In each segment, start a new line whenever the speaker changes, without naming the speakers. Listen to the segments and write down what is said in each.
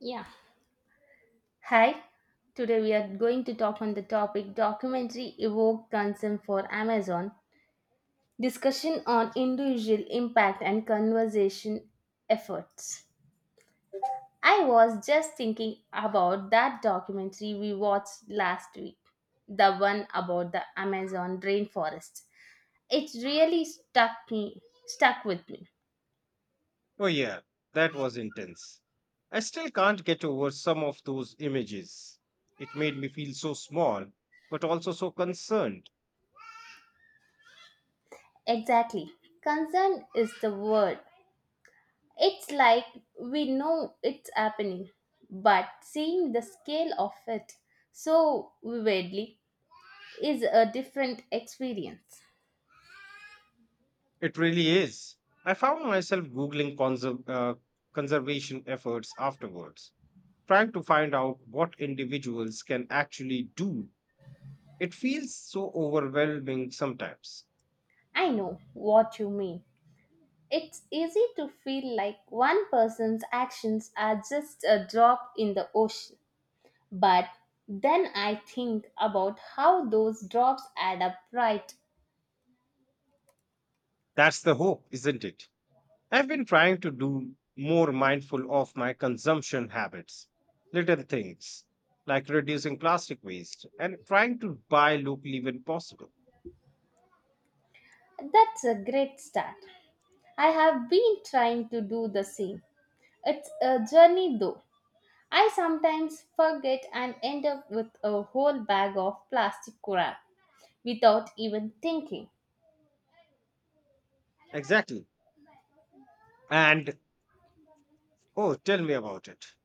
Yeah. Hi, today we are going to talk on the topic documentary evoke concern for Amazon, discussion on individual impact and conservation efforts. I was just thinking about that documentary we watched last week, the one about the Amazon rainforest. It really stuck with me.
Oh, yeah, that was intense. I still can't get over some of those images. It made me feel so small, but also so concerned.
Exactly. Concern is the word. It's like we know it's happening, but seeing the scale of it so vividly is a different experience.
It really is. I found myself Googling conservation efforts afterwards, trying to find out what individuals can actually do. It feels so overwhelming sometimes.
I know what you mean. It's easy to feel like one person's actions are just a drop in the ocean, but then I think about how those drops add up, right?
That's the hope, isn't it? I've been trying to do more mindful of my consumption habits, little things like reducing plastic waste and trying to buy locally when possible.
That's a great start. I have been trying to do the same. It's a journey though. I sometimes forget and end up with a whole bag of plastic crap without even thinking.
Exactly. And oh, tell me about it.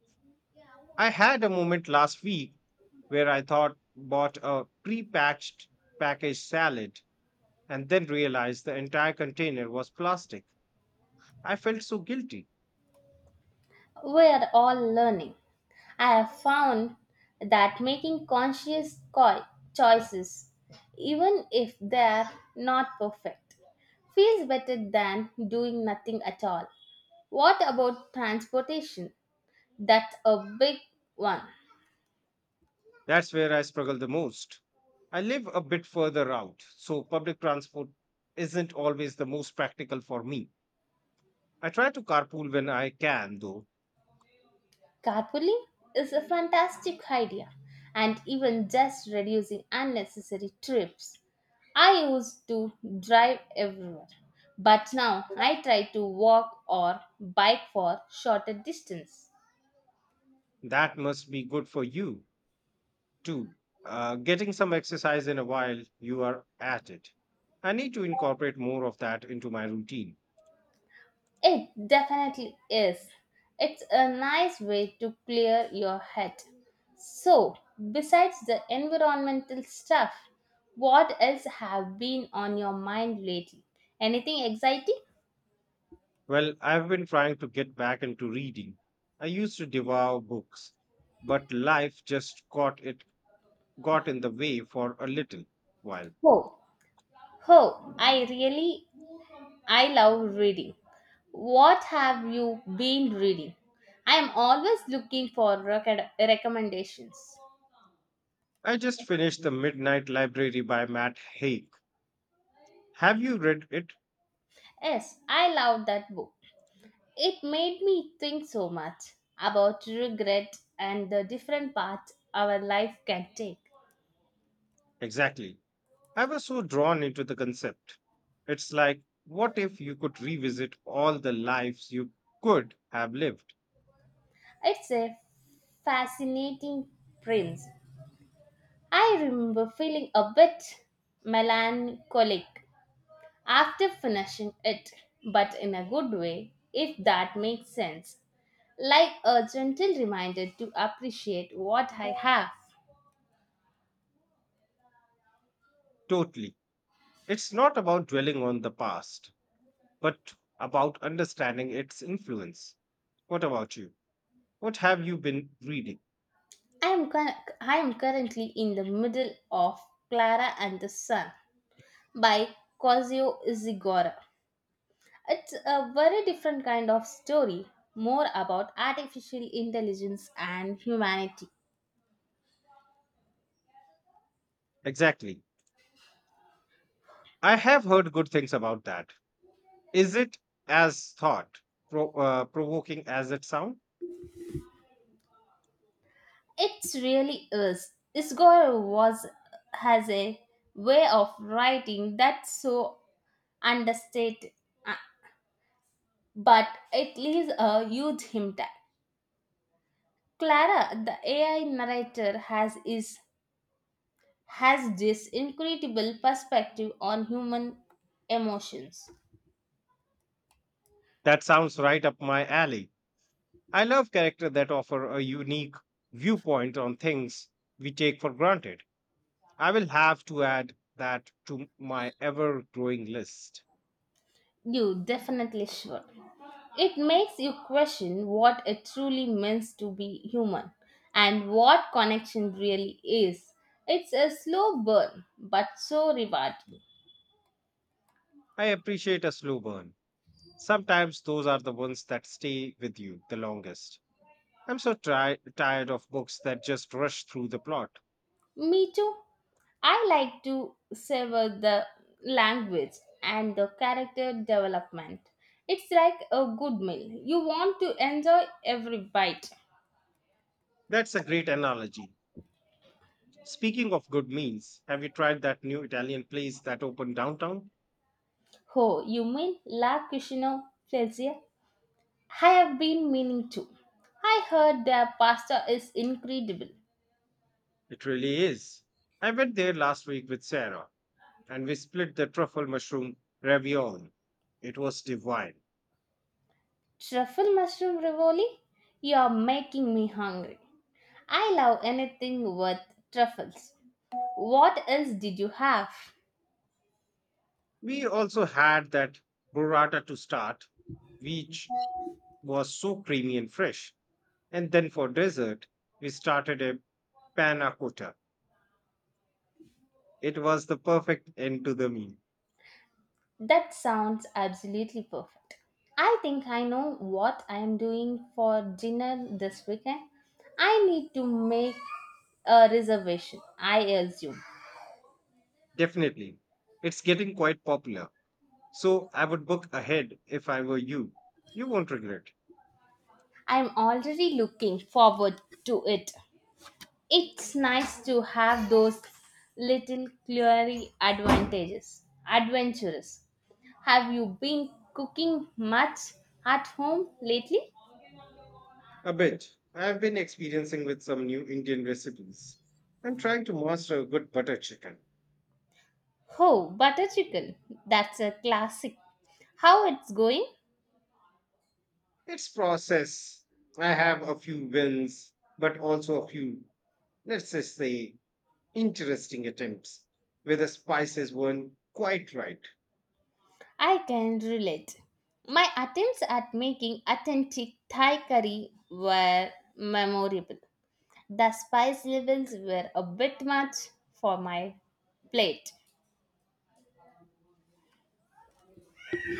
I had a moment last week where I thought bought a pre-packaged packaged salad and then realized the entire container was plastic. I felt so guilty.
We are all learning. I have found that making conscious choices, even if they are not perfect, feels better than doing nothing at all. What about transportation? That's a big one.
That's where I struggle the most. I live a bit further out, so public transport isn't always the most practical for me. I try to carpool when I can, though.
Carpooling is a fantastic idea and even just reducing unnecessary trips. I used to drive everywhere, but now I try to walk or bike for shorter distance.
That must be good for you, too. Getting some exercise in a while, you are at it. I need to incorporate more of that into my routine.
It definitely is. It's a nice way to clear your head. So, besides the environmental stuff, what else have been on your mind lately? Anything exciting?
Well, I've been trying to get back into reading. I used to devour books, but life just got in the way for a little while.
Oh, Oh, I really I love reading. What have you been reading? I am always looking for recommendations.
I just finished The Midnight Library by Matt Haig. Have you read it?
Yes, I love that book. It made me think so much about regret and the different paths our life can take.
Exactly. I was so drawn into the concept. It's like what if you could revisit all the lives you could have lived?
It's a fascinating prince. I remember feeling a bit melancholic after finishing it, but in a good way, if that makes sense. Like a gentle reminder to appreciate what I have.
Totally. It's not about dwelling on the past, but about understanding its influence. What about you? What have you been reading?
I am, cur- I am currently in the middle of Clara and the Sun by Kazuo Ishiguro. It's a very different kind of story, more about artificial intelligence and humanity.
Exactly. I have heard good things about that. Is it as thought provoking as it sounds?
It really is. Ishiguro was has a way of writing that's so understate, uh, but it leaves a huge impact. Clara, the AI narrator, has this incredible perspective on human emotions.
That sounds right up my alley. I love characters that offer a unique viewpoint on things we take for granted. I will have to add that to my ever growing list.
You definitely should. It makes you question what it truly means to be human and what connection really is. It's a slow burn, but so rewarding.
I appreciate a slow burn. Sometimes those are the ones that stay with you the longest. I'm so tired of books that just rush through the plot.
Me too. I like to savor the language and the character development. It's like a good meal. You want to enjoy every bite.
That's a great analogy. Speaking of good meals, have you tried that new Italian place that opened downtown?
Oh, you mean La Cucina Plaisir? I have been meaning to. I heard their pasta is incredible.
It really is. I went there last week with Sarah and we split the truffle mushroom ravioli. It was divine.
Truffle mushroom rivoli? You're making me hungry. I love anything with truffles. What else did you have?
We also had that burrata to start, which was so creamy and fresh. And then for dessert, we started a panna cotta. It was the perfect end to the meal.
That sounds absolutely perfect. I think I know what I am doing for dinner this weekend. I need to make a reservation, I assume.
Definitely. It's getting quite popular, so I would book ahead if I were you. You won't regret.
I'm already looking forward to it. It's nice to have those little culinary advantages. Adventurous. Have you been cooking much at home lately?
A bit. I've been experiencing with some new Indian recipes. I'm trying to master a good butter chicken.
Oh, butter chicken. That's a classic. How it's going?
It's process. I have a few wins, but also a few, let's just say, interesting attempts where the spices weren't quite right.
I can relate. My attempts at making authentic Thai curry were memorable. The spice levels were a bit much for my plate.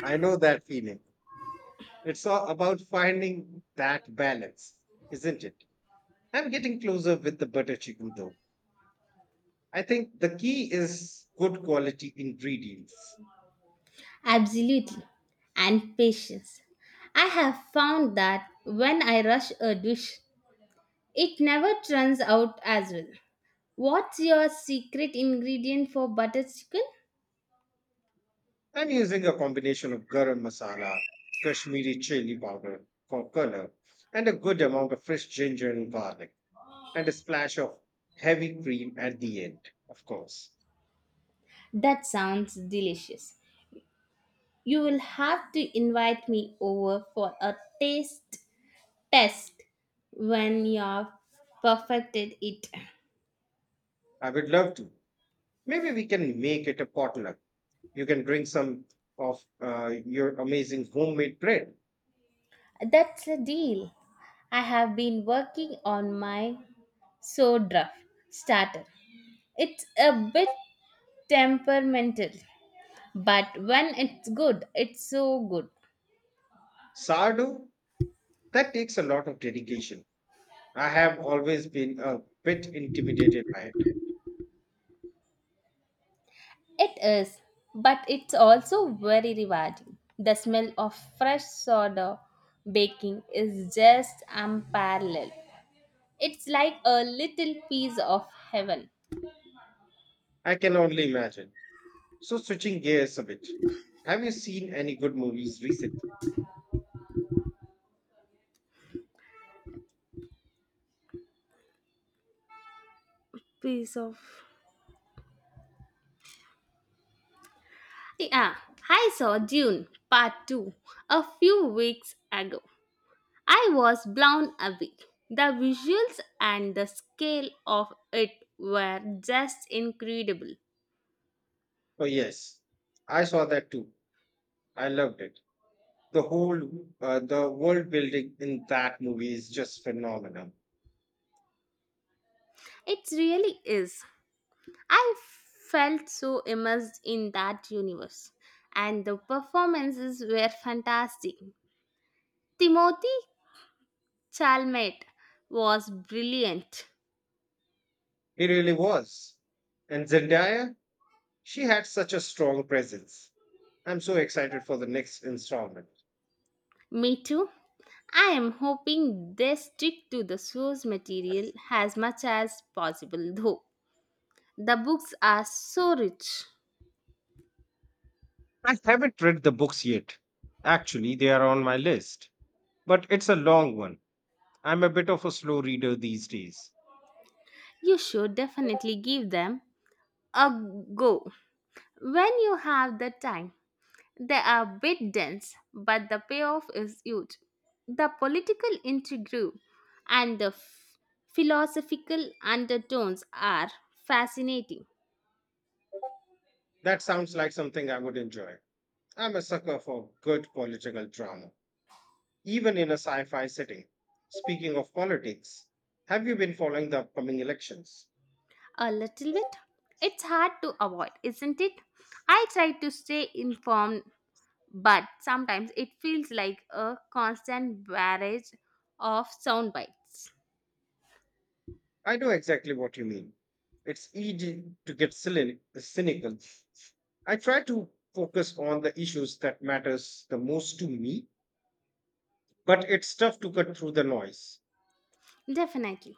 I know that feeling. It's all about finding that balance, isn't it? I'm getting closer with the butter chicken though. I think the key is good quality ingredients.
Absolutely. And patience. I have found that when I rush a dish, it never turns out as well. What's your secret ingredient for butter chicken?
I'm using a combination of garam masala, Kashmiri chili powder for color, and a good amount of fresh ginger and garlic, and a splash of heavy cream at the end, of course.
That sounds delicious. You will have to invite me over for a taste test when you've perfected it.
I would love to. Maybe we can make it a potluck. You can bring some of your amazing homemade bread.
That's a deal. I have been working on my soda starter. It's a bit temperamental, but when it's good, it's so good.
Sardo, that takes a lot of dedication. I have always been a bit intimidated by it.
It is, but it's also very rewarding. The smell of fresh soda baking is just unparalleled. It's like a little piece of heaven.
I can only imagine. So, switching gears a bit. Have you seen any good movies recently?
Piece of. Yeah, I saw Dune Part 2 a few weeks ago. I was blown away. The visuals and the scale of it were just incredible.
Oh, yes. I saw that too. I loved it. The whole, the world building in that movie is just phenomenal.
It really is. I felt so immersed in that universe, and the performances were fantastic. Timothy Chalmette was brilliant.
It really was. And Zendaya, she had such a strong presence. I'm so excited for the next installment.
Me too. I am hoping they stick to the source material as much as possible, though. The books are so rich.
I haven't read the books yet. Actually, they are on my list, but it's a long one. I'm a bit of a slow reader these days.
You should definitely give them a go when you have the time. They are a bit dense, but the payoff is huge. The political intrigue and the philosophical undertones are fascinating.
That sounds like something I would enjoy. I'm a sucker for good political drama, even in a sci fi setting. Speaking of politics, have you been following the upcoming elections?
A little bit. It's hard to avoid, isn't it? I try to stay informed but sometimes it feels like a constant barrage of sound bites.
I know exactly what you mean. It's easy to get cynical. I try to focus on the issues that matters the most to me, but it's tough to cut through the noise.
Definitely.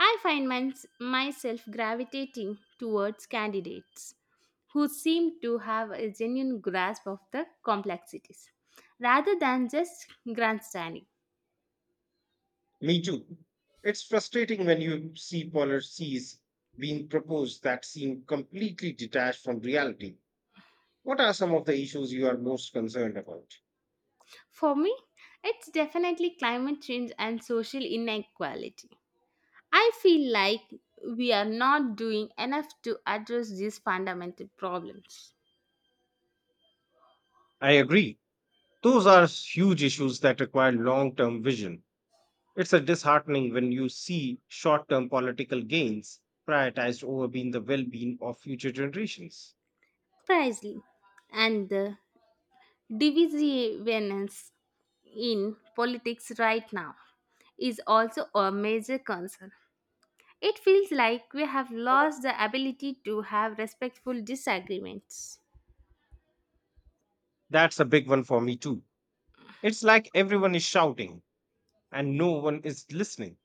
I find myself gravitating towards candidates who seem to have a genuine grasp of the complexities rather than just grandstanding.
Me too. It's frustrating when you see policies being proposed that seem completely detached from reality. What are some of the issues you are most concerned about?
For me, it's definitely climate change and social inequality. I feel like we are not doing enough to address these fundamental problems.
I agree. Those are huge issues that require long term vision. It's a disheartening when you see short term political gains prioritized over being the well being of future generations.
Precisely. And the divisiveness in politics right now is also a major concern. It feels like we have lost the ability to have respectful disagreements.
That's a big one for me too. It's like everyone is shouting and no one is listening.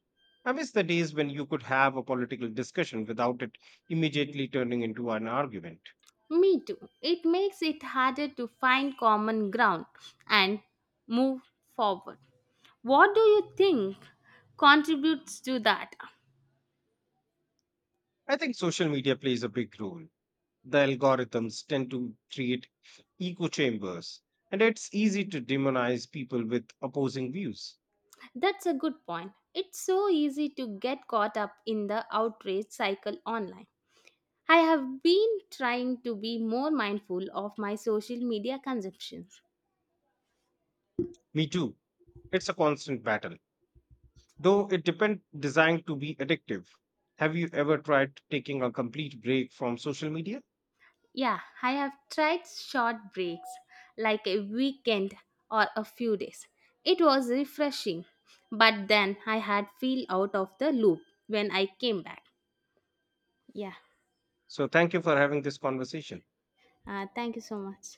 I miss the days when you could have a political discussion without it immediately turning into an argument.
Me too. It makes it harder to find common ground and move forward. What do you think contributes to that?
I think social media plays a big role. The algorithms tend to create echo chambers, and it's easy to demonize people with opposing views.
That's a good point. It's so easy to get caught up in the outrage cycle online. I have been trying to be more mindful of my social media consumption.
Me too. It's a constant battle, though it depend designed to be addictive. Have you ever tried taking a complete break from social media?
Yeah, I have tried short breaks like a weekend or a few days. It was refreshing, but then I had feel out of the loop when I came back. Yeah.
So thank you for having this conversation.
Thank you so much.